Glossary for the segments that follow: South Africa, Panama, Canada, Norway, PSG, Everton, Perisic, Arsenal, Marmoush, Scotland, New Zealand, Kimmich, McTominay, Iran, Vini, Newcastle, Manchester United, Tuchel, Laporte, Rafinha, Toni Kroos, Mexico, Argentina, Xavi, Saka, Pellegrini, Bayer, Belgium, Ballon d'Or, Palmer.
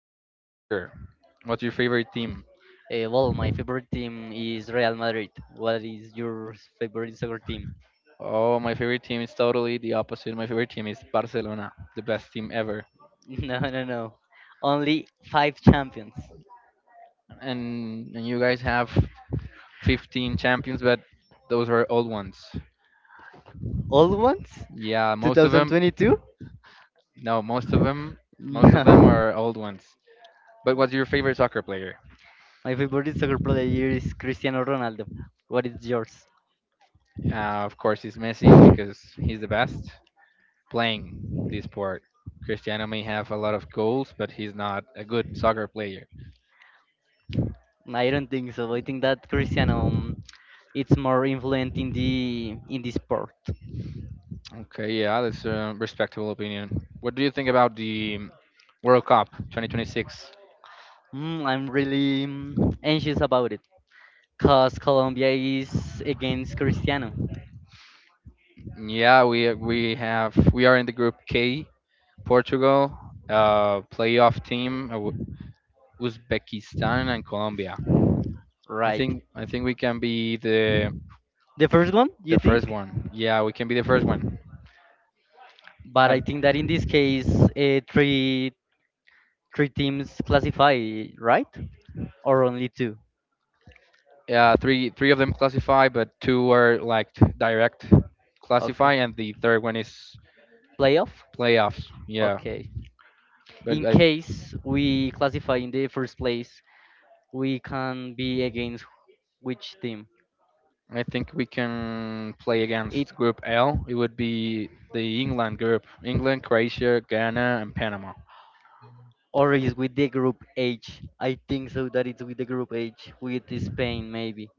about soccer. What's your favorite team? Well, my favorite team is Real Madrid. What is your favorite soccer team? Oh, my favorite team is totally the opposite. My favorite team is Barcelona, the best team ever. No, no, no. Only five champions. And you guys have 15 champions, but those are old ones. All ones? Yeah, most of them. 2022? No, most of them. Most of them No. are old ones. But what's your favorite soccer player? My favorite soccer player is Cristiano Ronaldo. What is yours? Of course, it's Messi because he's the best playing this sport. Cristiano may have a lot of goals, but he's not a good soccer player. I don't think so. I think that Cristiano, it's more influent in the sport. Okay, yeah, that's a respectable opinion. What do you think about the World Cup 2026? I'm really anxious about it because Colombia is against Cristiano, Yeah, we are in the group K, Portugal, playoff team, Uzbekistan and Colombia. I right? think I think we can be the The first one, the you first think? one. Yeah, we can be the first one. But Uh, I think that in this case, three teams classify, right? Or only two? yeah, three of them classify, but two are like direct Okay. classify, and the third one is Playoff? playoffs. Yeah, Okay. but In I, case we classify in the first place, we can be against which team? I think we can play It against Group L. It would be the England group: England, Croatia, Ghana, and Panama. or is with the group H. I think so that it's with the group H with Spain maybe.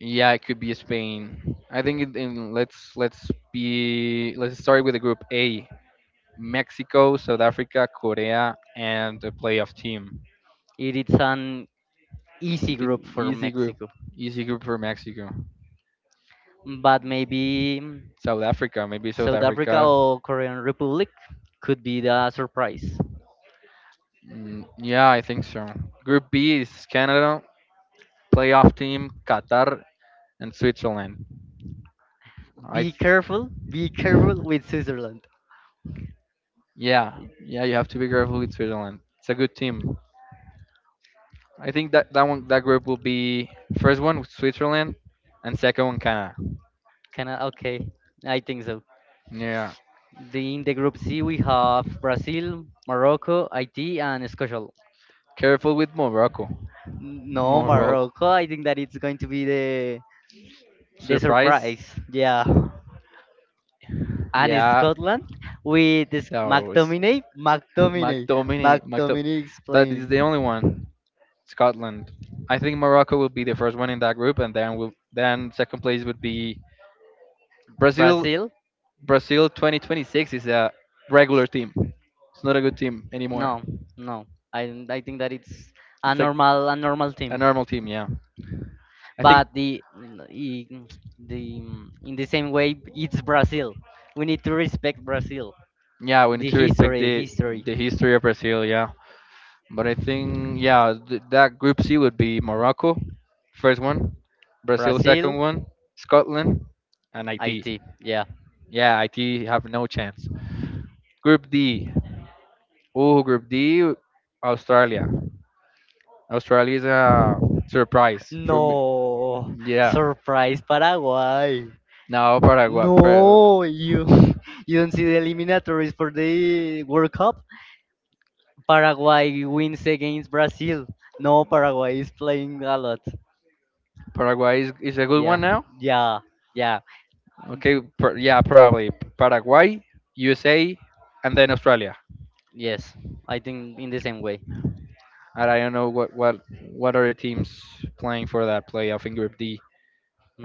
Yeah, it could be Spain. I think it, in, let's start with the Group A: Mexico, South Africa, Korea, and a playoff team. It is an I easy think group for easy group, Mexico. easy group for Mexico. But maybe South Africa, maybe South South Africa Africa. or Korean Republic could be the surprise. Yeah, I think so. Group B is Canada, playoff team Qatar, and Switzerland. I Be careful with Switzerland. Yeah, yeah, you have to be careful with Switzerland. It's a good team. I think that one that group will be first one with Switzerland and second one Canada. Canada, okay, I think so. Yeah, In the group C, we have Brazil, Morocco, Haiti, and Scotland. careful with Morocco. No, Morocco Morocco, I think that it's going to be the surprise. surprise. Yeah. And Yeah, Scotland with this that was McTominay, McTominay, McDominay. McDo- McTominay, but it's explain. the only one. Scotland. I think Morocco will be the first one in that group, and then second place would be Brazil. Brazil. Brazil 2026 is a regular team. It's not a good team No, anymore. no. I think that it's a It's a normal a normal A team. normal team, yeah. I think, But i- the in the same way it's Brazil. We need to respect Brazil. yeah, we need The to respect history, the history. the history of Brazil, yeah. But I think, yeah, that Group C would be Morocco, first one, Brazil, second Brazil, one, Scotland, and IT. IT. Yeah. Yeah, IT have no chance. Group D, oh, Group D, Australia. Australia is a surprise for me. No. Yeah. Surprise Paraguay. Now Paraguay, No, you you don't see the eliminatories for the World Cup? Paraguay wins against Brazil. No, Paraguay is playing a lot. Paraguay is a good Yeah, one now. yeah, yeah. Okay, yeah, probably Paraguay, USA, and then Australia. Yes, I think in the same way. And I don't know what are the teams playing for that playoff in Group D.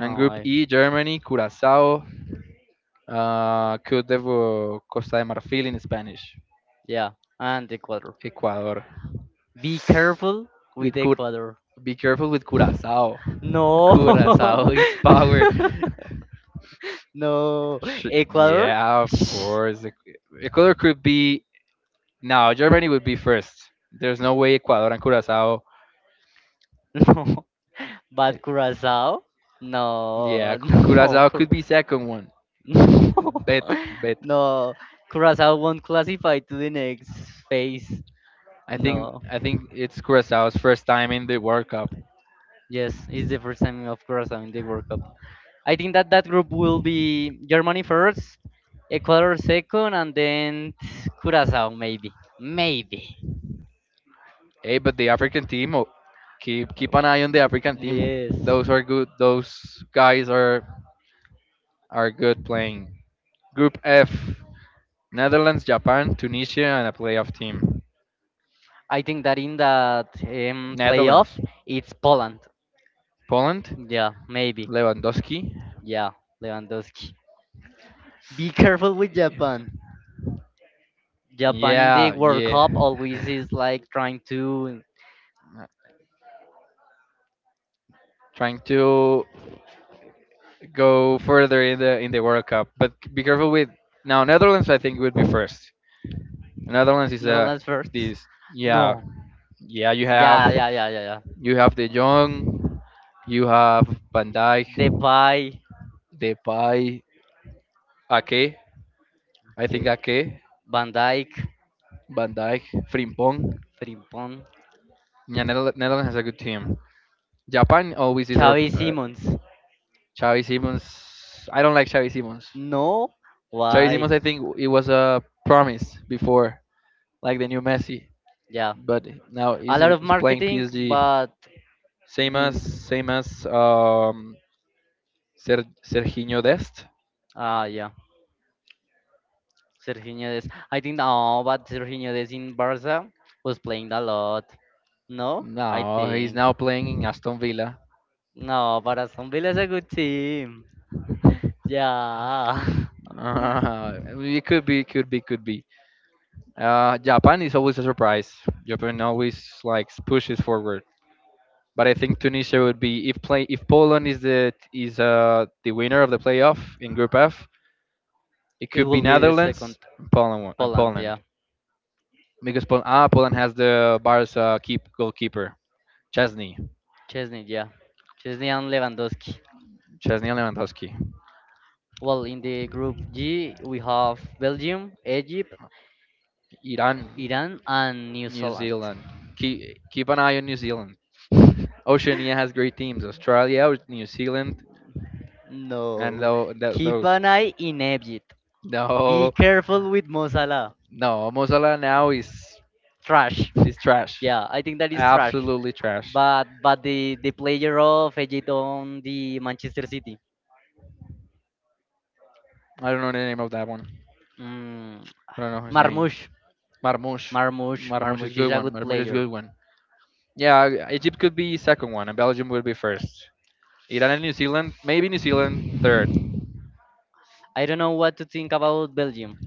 And Group I. E, Germany, Curacao, Côte d'Ivoire, Costa de Marfil in Spanish, Yeah, and Ecuador. Ecuador. Be careful with With Cur- Ecuador. be careful with Curacao. No, Curacao is power. no, Sh- Ecuador. yeah, of Shh. course. Ecuador could be no. Germany would be first. There's no way Ecuador and Curacao. No, eh, but Curacao. Yeah, No, no, Curacao could Cura- be second one. Bet, bet. no, Curacao won't classify to the next phase. I think No, I think it's Curaçao's first time in the World Cup. yes, it's the first time of Curacao in the World Cup. I think that that group will be Germany first, Ecuador second, and then Curacao maybe, maybe. Hey, but the African team, oh, keep So, keep an eye on the African team. yes, Those are good. Those guys are good playing. Group F: Netherlands, Japan, Tunisia, and a playoff team. I think that in that Netherlands, playoff it's Poland. Poland, Yeah, maybe. Lewandowski. Yeah, Lewandowski. Be careful with Japan. Japan in the Yeah, World yeah. Cup always is like trying to. Trying to go further in the World Cup, but be careful with now. Netherlands, I think, would be first. Netherlands is a Netherlands first. this, yeah. No. Yeah, you have Yeah, yeah, yeah, yeah, yeah. you have De Jong, you have Van Dijk, Depay. Depay, Ake. I think Okay. Ake, Van Dijk, Van Dijk, Frimpong. Frimpong, Yeah, Netherlands has a good team. Japan always is a Xavi Simons. Xavi Simons. I don't like Xavi Simons. No, Xavi why? Simons, I think it was a promise before, like the new Messi, Yeah, but now a he's, lot of he's playing marketing, PSG. but Same in. as same as um, Ser- Serginho Dest. Ah, yeah, Sergio Des. I think no, but Sergio Des in Barca was playing a lot. No, I No, he's think now playing in Aston Villa. no, but Aston Villa is a good team. Yeah, It could be, could be, could be. Japan is always a surprise. Japan always like pushes forward. But I think Tunisia would be if Poland is the winner of the playoff in Group F. It it could be will be the second. Netherlands and Poland Poland. Yeah, because Poland has the Barca keep goalkeeper Chesney Chesney. Yeah, Chesney and Lewandowski. Lewandowski. Well, in the group G, we have Belgium, Egypt, Iran, Iran, and New New Zealand. Zealand. Keep an eye on New Zealand. Oceania has great teams: Australia, New Zealand, and No, tho- th- keep those. an eye in Egypt. Be No, careful with Mo Salah. no, Mozilla now is Trash. is trash. Yeah, I think that is trash. Absolutely trash. But the player of Egypt on the Manchester City, I don't know the name of that one. mm, I don't know his name. Marmoush, Marmoush, Marmoush, Marmoush is Marmoush is good a one. good Marmoush is player. good one. Yeah, Egypt could be second one, and Belgium would be first. Iran and New Zealand, maybe New Zealand third. I don't know what to think about Belgium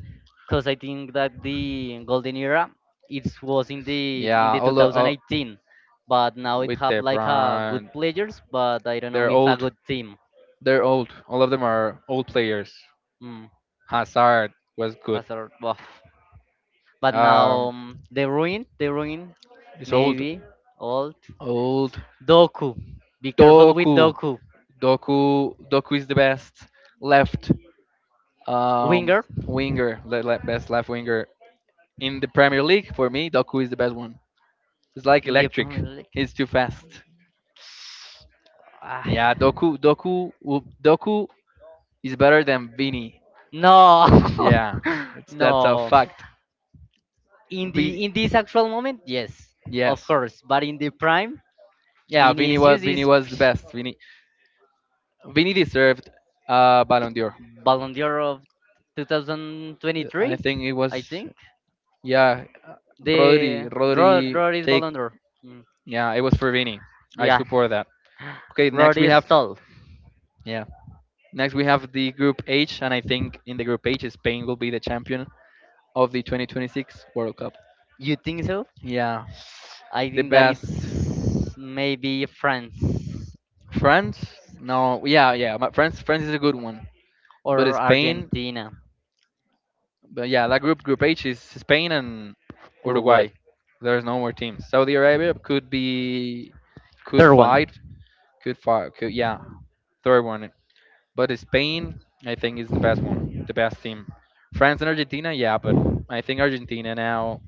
because I think that the golden era it was in the in Yeah, the all the, all, 2018, but now it with have the like a good brand, players, but I don't know they're if a old. good team. They're old. All of them are old players. Mm, Hazard was good. Hazard, woof. But now Um, they ruin, he's old. maybe old Old. Doku. Be careful with Doku. Doku, Doku is the best left um, winger winger, best left winger in the Premier League. For me, Doku is the best one. It's like in the electric. Premier League. He's too fast. Ah, Yeah, Doku is better than Vini. no, Yeah, it's that's a no. fact. in Vini, the in this actual moment, yes, of yes, course. But in the prime, yeah, Vini was Vinicius Vini is was the psh, best. Vini deserved Ballon d'Or. Ballon d'Or of I 2023, think it was, I think. yeah. Rodri Rodri Rodri is take, Ballon d'Or. Mm. yeah, it was for Vini. I Yeah, support that. Okay, next Rodri we is have, tall. yeah. Next we have the group H, and I think in the group H, Spain will be the champion of the 2026 World Cup. You think so? Yeah, I the think that best. it's maybe France France. No, yeah, yeah. France is a good one, but or Spain. Argentina, But yeah, that group, group H, is Spain and Uruguay. Uruguay. There's no more teams. Saudi Arabia could be, could Third one fight, could fight. Could, yeah, third one. But Spain, I think, is the best one, the best team. France and Argentina, yeah, but I think Argentina now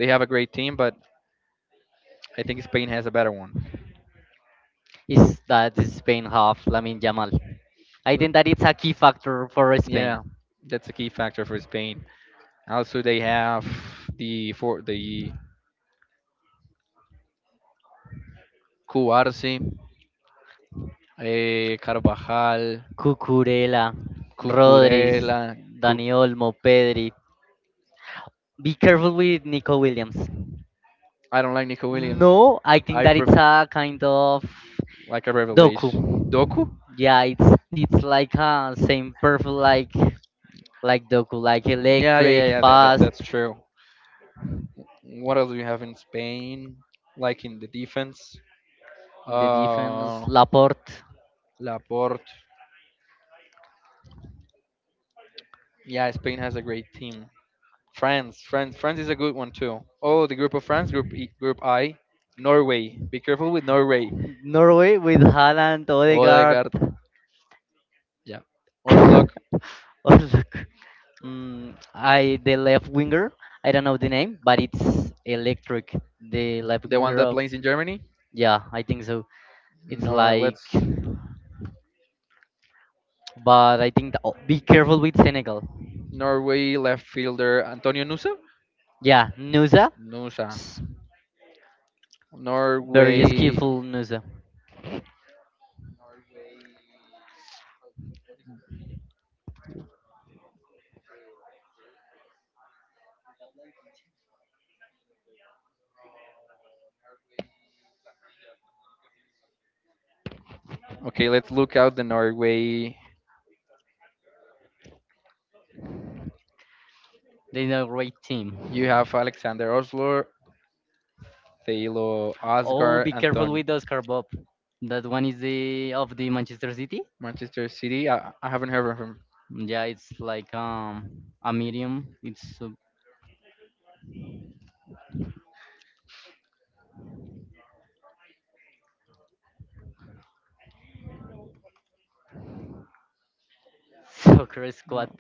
they have a great team, but I think Spain has a better one. is that Spain have Lamin Yamal. I L- think that it's a key factor for Spain. Yeah, that's a key factor for Spain. Also, they have the for the Cuarce, Carvajal, Cucurella, Rodríguez, Cucurella. Cu- Dani Olmo, Pedri. Be careful with Nico Williams. I don't like Nico Williams. No, I think I that pre- it's a kind of like a doku. revelation. Doku? Yeah, it's like a same perfect like doku, like Yeah, yeah, yeah, electric, yeah. That, that, fast. that's true. What else do you have in Spain? Like in the defense? In the defense, Uh, Laporte. Laporte. Yeah, Spain has a great team. France, France is a good one too. Oh, the group of France, group E, group I, Norway. Be careful with Norway. Norway with Haaland, Odegaard. Odegaard. Yeah. Oh, Orslock, look, I the left winger. I don't know the name, but it's electric. The left the one winger that of, plays in Germany. yeah, I think so. It's Nor like, let's but I think the, oh, be careful with Senegal. Norway left fielder Antonio Nusa. Yeah, Nusa, Nusa. s- very Norway. skillful Nusa. Okay, let's look out the Norway. They're a great team. You have Alexander Oslo, Thalo Oh, Asgar, be careful Antonio. with Oscar Bob. That one is the of the Manchester City. Manchester City. I haven't heard of him. Yeah, it's like a medium. It's a soccer squad. No.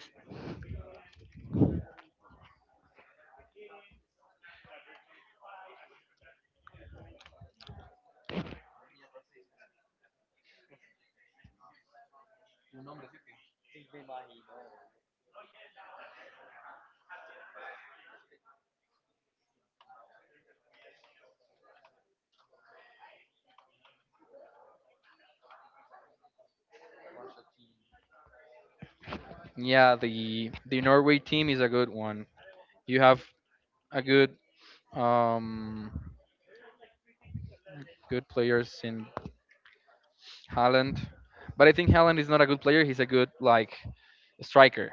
Yeah, the Norway team is a good one. You have a good um good players in Haaland, but I think Haaland is not a good player. He's a good like striker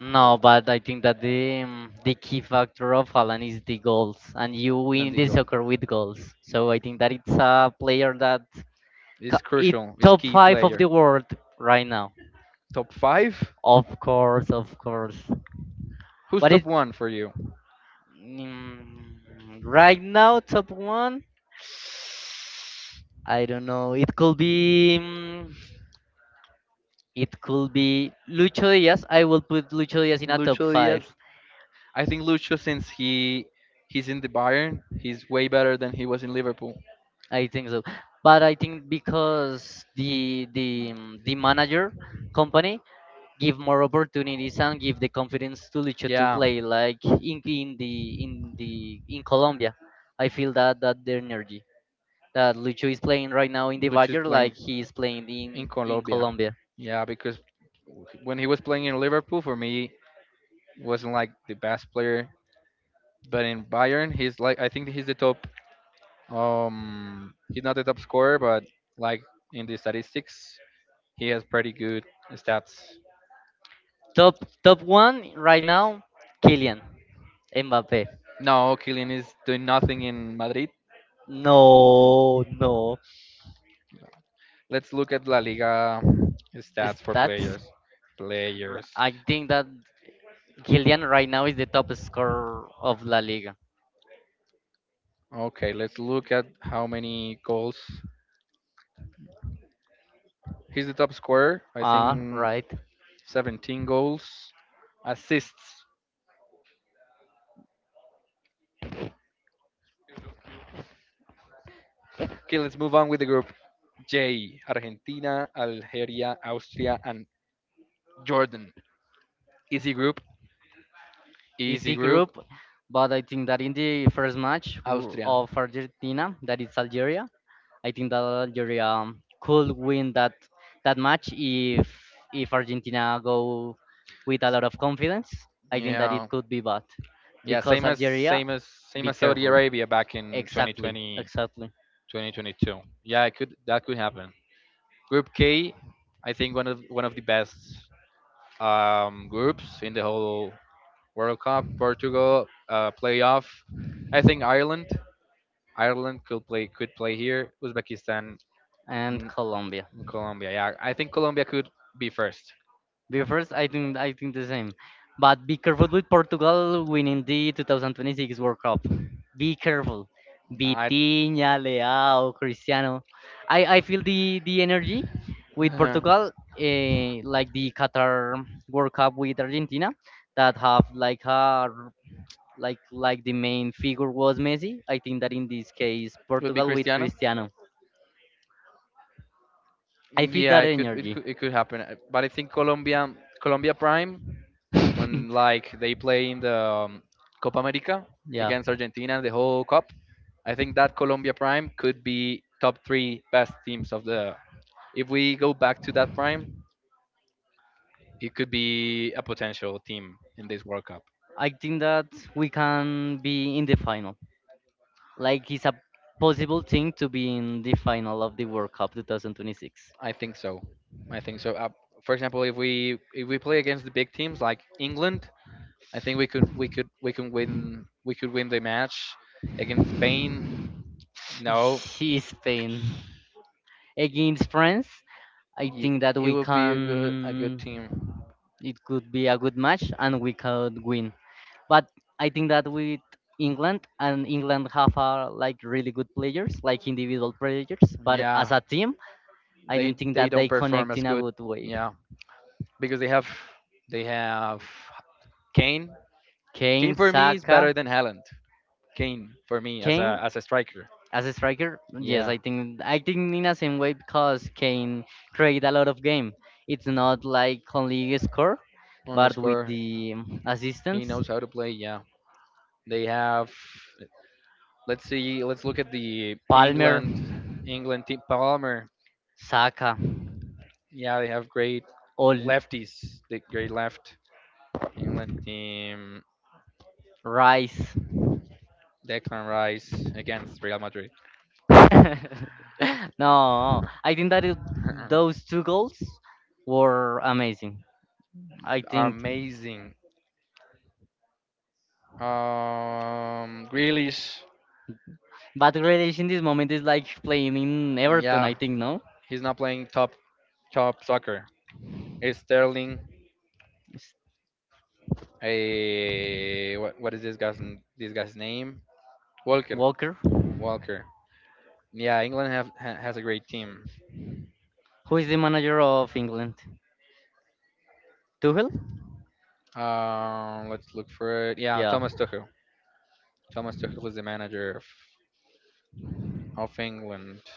No, but I think that the key factor of Haaland is the goals, and you and win the the goal. soccer with goals. So I think that it's a player that It's it crucial. It's top key five of the player. world right now. Top five? Of course, of course. Who's But top it, one for you? mm, right now top one. I don't know. It could be. It could be Lucho Diaz. I will put Lucho Diaz in a top Lucho five. Diaz. I think Lucho since he's in the Bayern, he's way better than he was in Liverpool. I think so. But I think because the manager company give more opportunities and give the confidence to Lucho to Yeah, play like in Colombia. I feel that that the energy that Lucho is playing right now in the Lucho is Vajer playing like he is playing in in Colombia. Colombia. Yeah, because when he was playing in Liverpool, for me wasn't like the best player, but in Bayern he's like I think he's the top. He's not the top scorer, but like in the statistics, he has pretty good stats. Top one right now, Kylian Mbappe. No, Kylian is doing nothing in Madrid. No, no. Let's look at La Liga Is stats for that? players. Players. I think that Gillian right now is the top scorer of La Liga. Okay, let's look at how many goals. He's the top scorer. I Ah, think right. 17 goals, assists. Okay, let's move on with the group J. Argentina, Algeria, Austria, and Jordan. Easy group. Easy Easy group. group, but I think that in the first match Austria. of Argentina, that is Algeria, I think that Algeria could win that match if Argentina go with a lot of confidence. I think that it Yeah. could be bad Yeah, because Algeria, same be as Saudi careful. Arabia back in Exactly, 2020 exactly, 2022. Yeah, it could that could happen. Group K, I think one of the best groups in the whole World Cup. Portugal playoff. I think Ireland. Ireland could play here. Uzbekistan and Colombia. Colombia, yeah. I think Colombia could be first. The first, I think the same. But be careful with Portugal winning the 2026 World Cup. Be careful. I Vitinha, Leao, Cristiano. I feel the energy with Portugal, like the Qatar World Cup with Argentina, that have like a like the main figure was Messi. I think that in this case, would be Portugal with Cristiano. Cristiano. I feel Yeah, that energy. It could happen. But I think Colombia Prime when like they play in the um, Copa America Yeah. against Argentina and the whole cup. I think that Colombia Prime could be top 3 best teams of the if we go back to that prime, it could be a potential team in this World Cup. I think that we can be in the final. Like it's a possible thing to be in the final of the World Cup 2026. I think so. I think so. For example, if we play against the big teams like England, I think we could win the match against Spain. No, He is Spain against France. I ye- think that it we would be a good can. team. It could be a good match and we could win. But I think that with England and England have like really good players, like individual players. But as Yeah, a team, I don't think they that don't they perform connect as in a good. good way. Yeah, because they have Kane. Kane Kane, for me is Saka. better than Haaland. Kane for me Kane as a striker. as a striker, yes, Yeah, I think in a same way because Kane create a lot of game. It's not like only score, only but with score. the He assistance. knows how to play. Yeah, they have Let's see. Let's look at the Palmer, England team. Palmer. Saka, Yeah, they have great all lefties. The great left England team. Rice. Declan Rice against Real Madrid. No, I think that it, those two goals were amazing. I think, Amazing. Grealish. but Grealish in this moment is like playing in Everton. I Yeah, think no. he's not playing top soccer. It's Sterling. It's What is this guy's name? Walker. Walker. Walker. Yeah, England has a great team. Who is the manager of England? Tuchel? Let's look for it. Yeah, Yeah. Thomas Tuchel. Thomas Tuchel is the manager of England.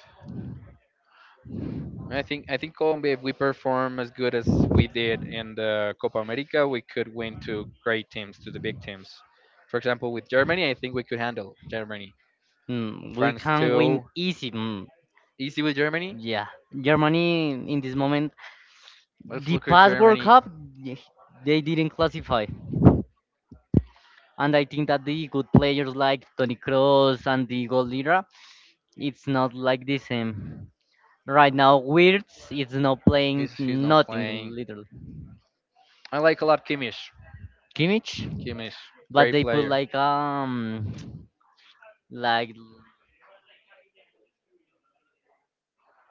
I think Colombia, if we perform as good as we did in the Copa America, we could win to great teams, to the big teams. For example, with Germany, I think we could handle Germany. Mm, we France can win too. easy. Mm, Easy with Germany. yeah. Germany in this moment, Let's the look at past World Germany. Cup, yeah, they didn't classify. And I think that the good players like Toni Kroos and the goal leader, it's not like the same. Right now, Wirtz is not playing He's not nothing, playing. literally. I like a lot Kimmich. Kimmich, Kimmich, but great they put player. like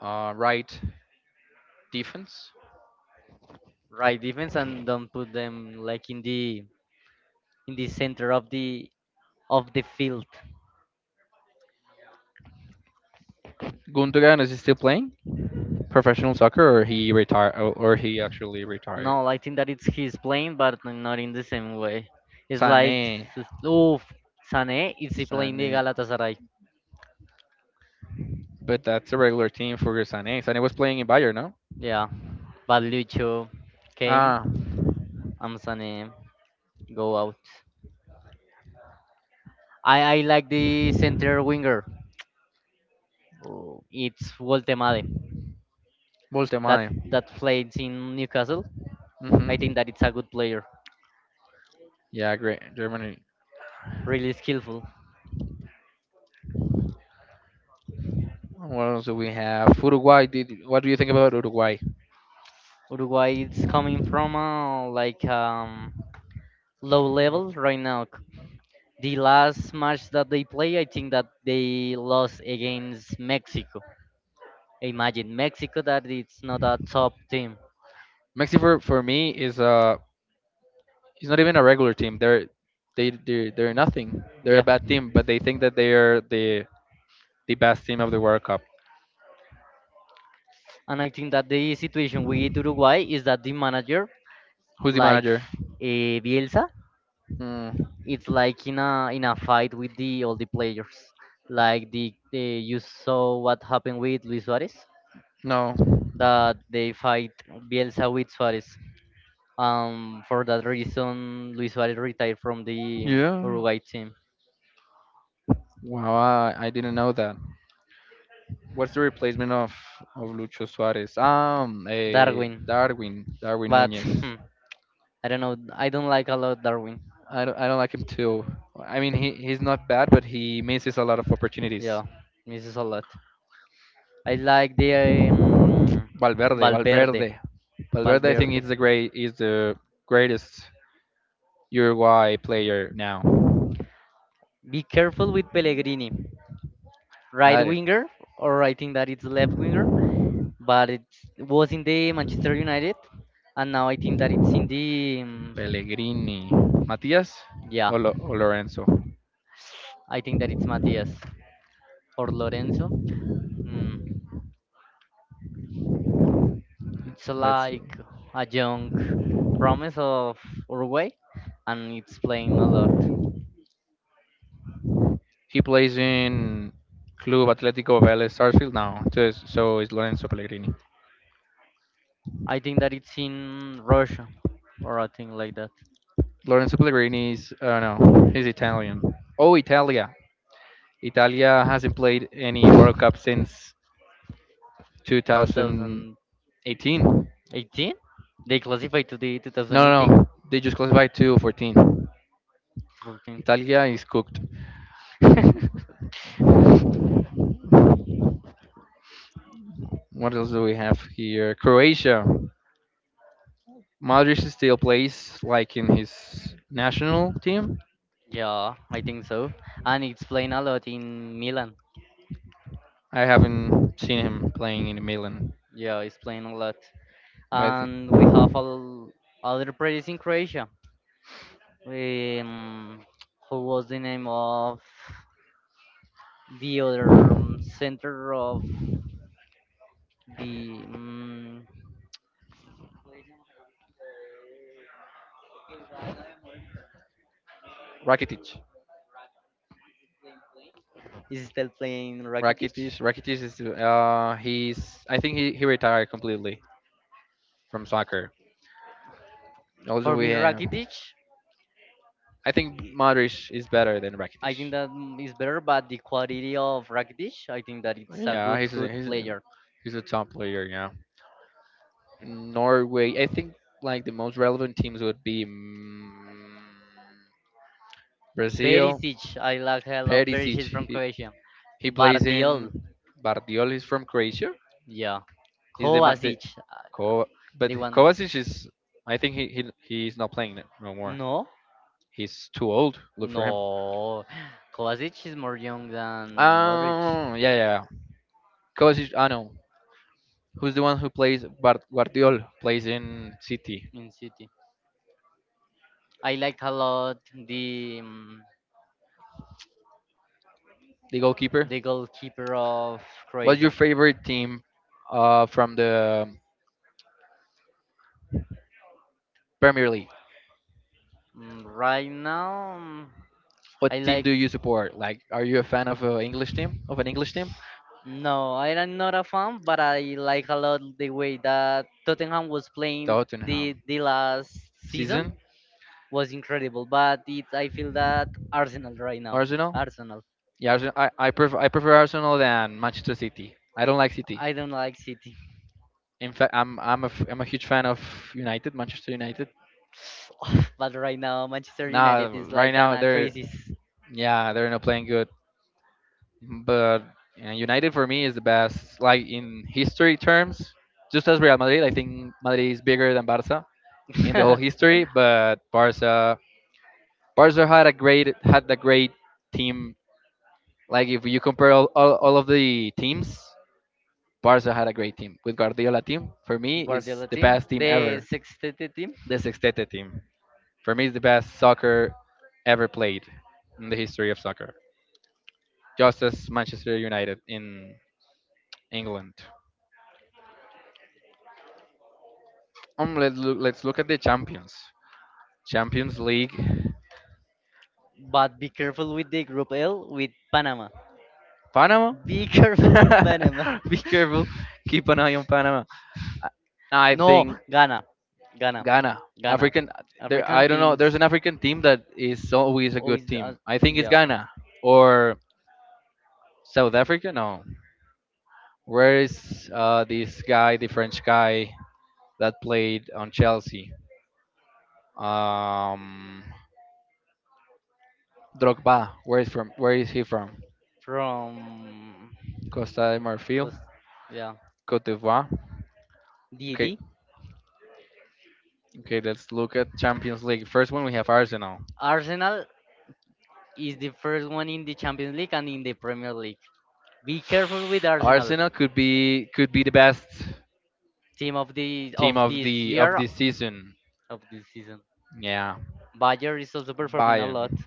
Right defense. right defense and don't put them like in the center of the field. Gundogan, is he still playing professional soccer, or he retired, or he actually retired? No, I think that it's his playing, but not in the same way. It's like, Sané, oh, Sané is he playing the Sané, Galatasaray. but that's a regular team for Sané. Sané was playing in Bayern, no? Yeah, but Lucho came Ah, and Sané go out. I like the center winger. Oh, it's Woltemade that Voltemade. that played in Newcastle. I Mm-hmm. think that it's a good player, Yeah, great. Germany. really skillful. What else do we have? Uruguay. Did what do you think about Uruguay? Uruguay is coming from a, like low level right now. The last match that they play, I think that they lost against Mexico. Imagine Mexico that it's not a top team. Mexico for me is not even a regular team. They're they're nothing. They're a Yeah. bad team, but they think that they are the best team of the World Cup. And I think that the situation with Uruguay is that the manager, Who's the like manager? uh, Bielsa, Hmm, it's like in a fight with the all the players. Like the you saw what happened with Luis Suarez, no. that they fight Bielsa with Suarez. For that reason, Luis Suarez retired from the Yeah. Uruguay team. Wow, I didn't know that. What's the replacement of Lucho Suarez? A Darwin, Darwin, Darwin but Nunez. I don't know. I don't like a lot Darwin. I don't like him too. I mean, he's not bad, but he misses a lot of opportunities. Yeah, misses a lot. I like the Valverde, Valverde. Valverde, Valverde. I think Valverde. is the great, is the greatest Uruguay player now. Be careful with Pellegrini, right I, winger, or I think that it's left winger. But it was in the Manchester United, and now I think that it's in the Pellegrini, Matias, yeah. or, Lo, or Lorenzo. I think that it's Matias or Lorenzo. Hmm. It's Let's like a young promise of Uruguay, and it's playing a lot. He plays in Club Atlético Vélez Sarsfield now. Just, so is Lorenzo Pellegrini. I think that it's in Russia, or I think like that. Lorenzo Pellegrini is, I don't know, he's Italian. Oh, Italia. Italia hasn't played any World Cup since 2018. 2018, they classified to the No, no, 2018, no. They just classified to 14. 14. Italia is cooked. What else do we have here? Croatia. Modric still plays like in his national team. Yeah, I think so. And it's playing a lot in Milan. I haven't seen him playing in Milan. Yeah, it's playing a lot. But I think And we have other players in Croatia. Um, who was the name of? The other center of the Rakitic. is still playing Rakitic. Rakitic. Rakitic is he's I think he retired completely from soccer. Also For we me, have Rakitic, I think Modric is better than I think Rakitic. that is better, but the quality of Rakitic, I think that it's a Yeah, good, good player. he's a top player. Yeah, Norway. I think like the most relevant teams would be Brazil. Perisic, I like a lot Perisic. Perisic from Croatia. He plays Bardiol, in Bardiol is from Croatia. yeah. Is the, ma- the Kovacic, Ko, but the one. Kovacic is. I think he he's not playing it no more. No, He's too old. Look for him. no. Kovacic is more young than Modric Oh, yeah, yeah, yeah. Kovacic, I know. Who's the one who plays Bar- Guardiol plays in City, in City. I like a lot the. mm, the goalkeeper? the goalkeeper of What's your Croatia. favorite team from the Premier League? Right now, mm, I What team do like you support? Like, are you a fan of an English team? No, I am not a fan, but I like a lot the way that Tottenham was playing the Tottenham. the last season Season? was incredible. But it I feel that Arsenal right now, Arsenal? Arsenal. Yeah, Arsen- I prefer Arsenal than Manchester City. I don't like City. I don't like City, In fact, I'm a huge fan of United, Manchester United. but right now Manchester Nah, United is right like an now a they're crisis. yeah they're not playing good, but United for me is the best. Like in history terms, just as Real Madrid, I think Madrid is bigger than Barca in the whole history. But Barca Barca had a great team. Like if you compare all of the teams, Barca had a great team. With Guardiola team, for me, it's Guardiola the team, best team the ever. sixth team. The Sextete team. For me, it's the best soccer ever played in the history of soccer. Just as Manchester United in England. Let's look at the champions. Champions League. But be careful with the Group L with Panama. Panama? Be careful with Panama. Be careful. Keep an eye on Panama. I I no, think Ghana. Ghana. Ghana. Ghana. African. There, African I don't know. teams There's an African team that is always a good always, team. I think it's yeah. Ghana or South Africa. No, where is this guy, the French guy that played on Chelsea? Um, Drogba. Where is from? Where is he from? From, Costa de Marfil, cause, yeah. Cote d'Ivoire. Okay, DD. okay. Let's look at Champions League. First one we have Arsenal. Arsenal is the first one in the Champions League and in the Premier League. Be careful with Arsenal. Arsenal could be the best Team of the team of of this the of year this season. of this season. Yeah, Bayer is also performing a lot. Bayern.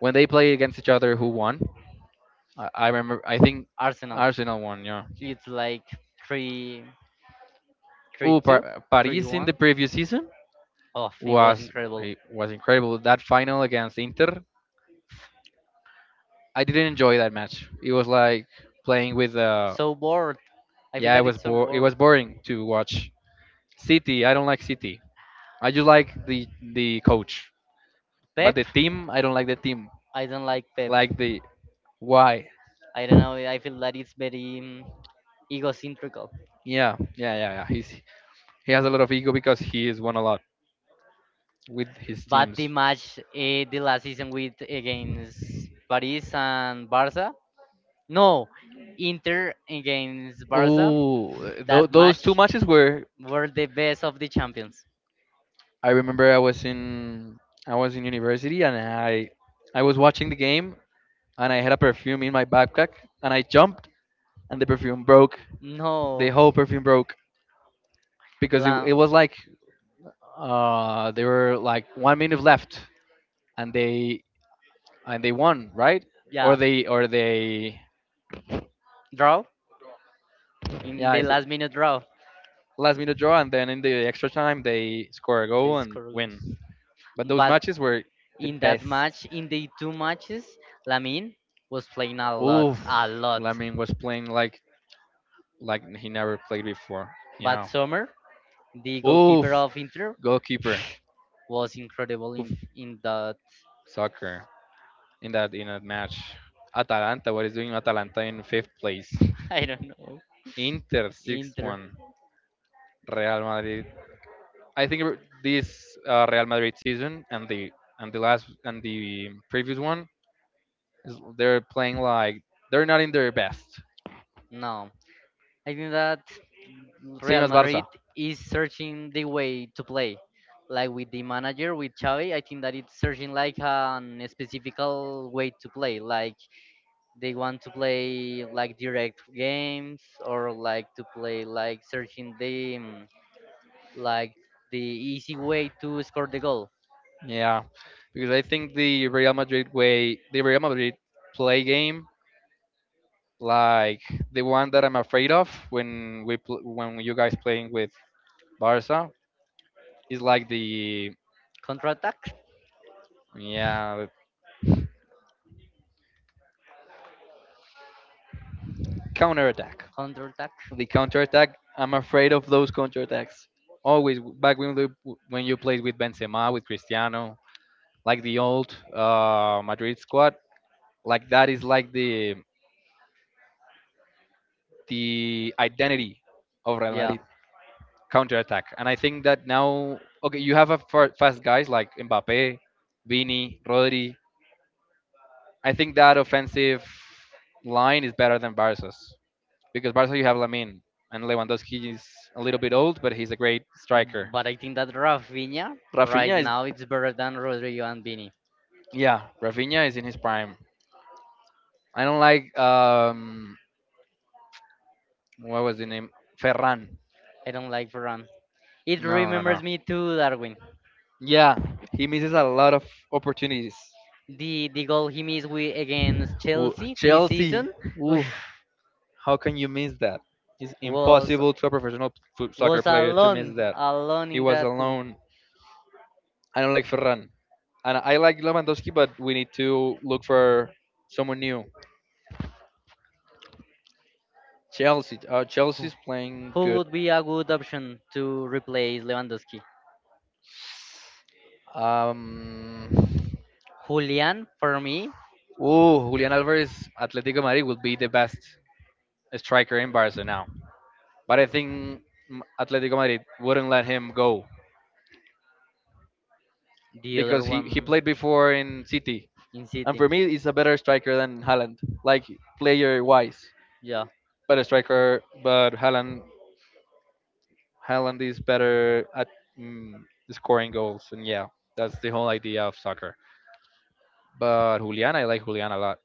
When they played against each other, who won? I remember. I think Arsenal. Arsenal won. Yeah. It's like three. three Ooh, two, Par- three Paris in the one. previous season. Oh, it was Was incredible. he was incredible. That final against Inter, I didn't enjoy that match. It was like playing with So bored. I feel yeah, it that was it's so bo- it was bored. boring to watch. City, I don't like City. I just like the coach, but Pep, the team, I don't like the team. I don't like Pep. Like the why? I don't know. I feel that it's very egocentrical. Yeah. He's he has a lot of ego because he has won a lot with his But the teams. match, the last season with against Paris and Barca, no, Inter against Barca, Oh, that th- those two match matches were. were the best of the champions. I remember I was in university and I was watching the game and I had a perfume in my backpack and I jumped and the perfume broke. The No, whole perfume broke because la- it was like there were like 1 minute left and they and they won right yeah, or they draw yeah in I the think last minute draw. last minute draw and then in the extra time they score a goal This and Cordoba. win. But those But matches were the in that best. match, in the two matches, Lamine was playing a Oof, lot, a lot. Lamin was playing like he never played before. But Yeah. Sommer, the goalkeeper Oof, of Inter, goalkeeper. was incredible Oof, in that. soccer in that match. Atalanta, what is doing Atalanta in fifth place? I don't know. Inter sixth Inter. one. Real Madrid. I think re- this Real Madrid season and the last and the previous one is they're playing like they're not in their best. No, I think that Same Real as Madrid Barca. is searching the way to play. Like with the manager, with Xavi, I think that it's searching like an specific way to play, like they want to play like direct games or like to play like searching the like the easy way to score the goal. Yeah, because I think the Real Madrid way, the Real Madrid play game like the one that I'm afraid of when we pl- when you guys playing with Barca is like the Counter attack, yeah counter attack. counter attack, The counter attack. I'm afraid of those counter attacks. Always back when you played with Benzema with Cristiano, like the old Madrid squad, like that is like the identity of Real yeah. Madrid counter attack. And I think that now okay, you have a fa- fast guys like Mbappe, Vini, Rodri, I think that offensive line is better than Barca's because Barca you have Lamin and Lewandowski is a little bit old, but he's a great striker. But I think that Rafinha right Rafinha is now it's better than Rodrigo and Vini. yeah, Rafinha is in his prime. I don't like what was the name Ferran. I don't like Ferran. It No, no, remembers no. me to Darwin. Yeah, he misses a lot of opportunities. The goal he missed against Wo- Chelsea this Chelsea, season. Oof, ooh, how can you miss that? It's was impossible to a professional foot soccer was player to alone miss that. alone He in was that. alone. I don't like Ferran. And I like Lewandowski, but we need to look for someone new. Chelsea, Who, Chelsea's playing Who good. would be a good option to replace Lewandowski? Um, Julian for me, Julian Alvarez, Atletico Madrid would be the best striker in Barca now. But I think Atletico Madrid wouldn't let him go the other because he one played before in City. in And City. for me, he's a better striker than Haaland, like player wise. Yeah. Better striker, but Haaland is better at mm, scoring goals, and yeah, that's the whole idea of soccer. But Julian, I like Julian a lot.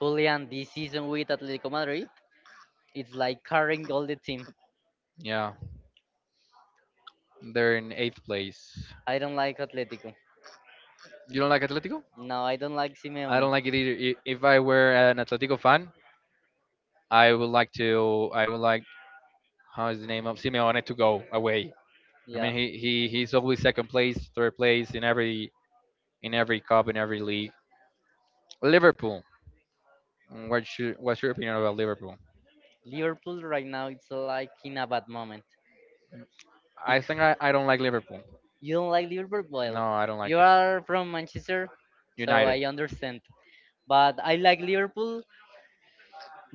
Julian this season with Atletico Madrid, it's like carrying all the team. Yeah, they're in eighth place. I don't like Atletico. You don't like Atletico? No, I don't like I Simeone. don't like it either. I- If I were an Atletico fan, I would like to. I would like how is the name of Simeone to go away. I Yeah. mean, he's always second place, third place in every cup, in every league. Liverpool. Mm, what's your opinion about Liverpool? Liverpool right now it's like in a bad moment. I think Because I don't like Liverpool. you don't like Liverpool? Well, No, I don't like you it. are from Manchester, so United. I understand. But I like Liverpool.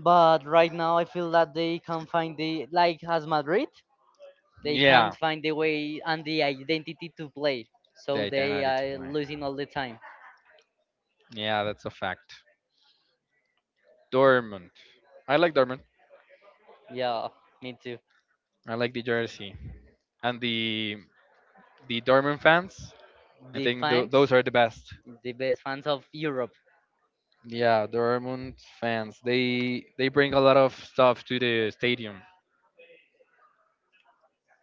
But right now, I feel that they can't find the like as Madrid, they can't Yeah, find the way and the identity to play. the So they itinerary is are plan. losing all the time. Yeah, that's a fact. Dortmund. I like Dortmund. Yeah, me too. I like the jersey and the Dortmund fans. I The think th- fans, those are the best. the best fans of Europe, Yeah, Dortmund fans. They bring a lot of stuff to the stadium.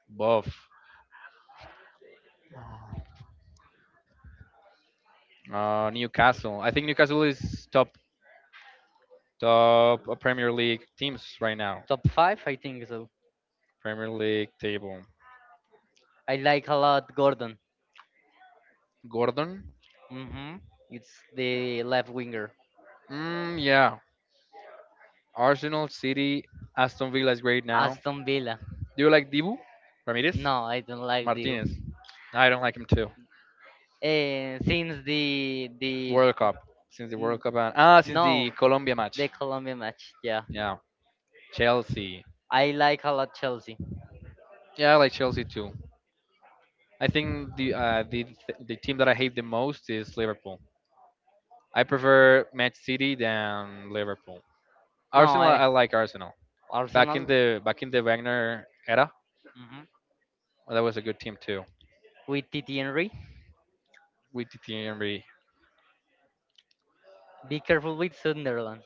Both Newcastle. I think Newcastle is top top Premier League teams right now. top five, I think so. Premier League table. I like a lot Gordon. Gordon. Hmm. It's the left winger, Mm, yeah. Arsenal, City, Aston Villa is great now. Aston Villa. Do you like Dibu Ramirez No, I don't like the. Martinez? I don't like him too. Since the World Cup since the World N- Cup and ah since the No, Colombia match. the Colombia match. Yeah, Yeah, Chelsea. I like a lot Chelsea. Yeah, I like Chelsea too. I think the the team that I hate the most is Liverpool. I prefer Man City than Liverpool. No, Arsenal, I I like Arsenal. Back Arsenal. in the back in the Wagner era, Mhm. that was a good team too. With Titi Henry. With the Henry, Be careful with Sunderland.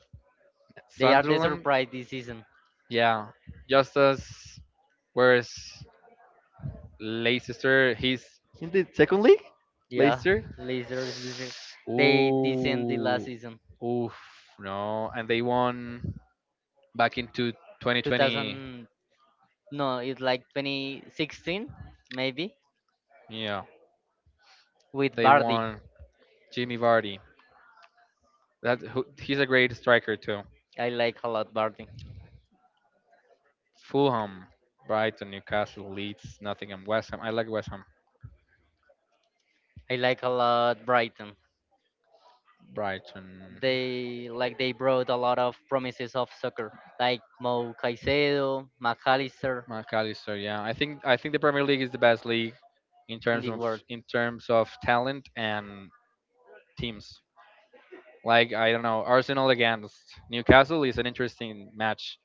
They are the Sunderland, surprise this season. yeah, just as whereas Leicester, he's in the second league. Yeah, Leicester. Lasers. They descend the last Ooh, season. oof, no, and they won back into 2020. 2000. No, it's like 2016 maybe Yeah, with they Bardi. won Jimmy Vardy. That who- he's a great striker too. I like a lot Bardi. Fulham, Brighton, Newcastle, Leeds, Nottingham, West Ham. I like West Ham. I like a lot Brighton. Brighton, They brought a lot of promises of soccer, like Mo Caicedo, McAllister McAllister. Yeah, I think the Premier League is the best league in in terms the of world. in terms of talent and teams. Like I don't know, Arsenal against Newcastle is an interesting match,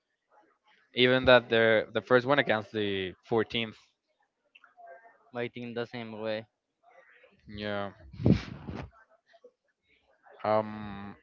even that they're the first one against the 14th. I think the same way. Yeah. Um.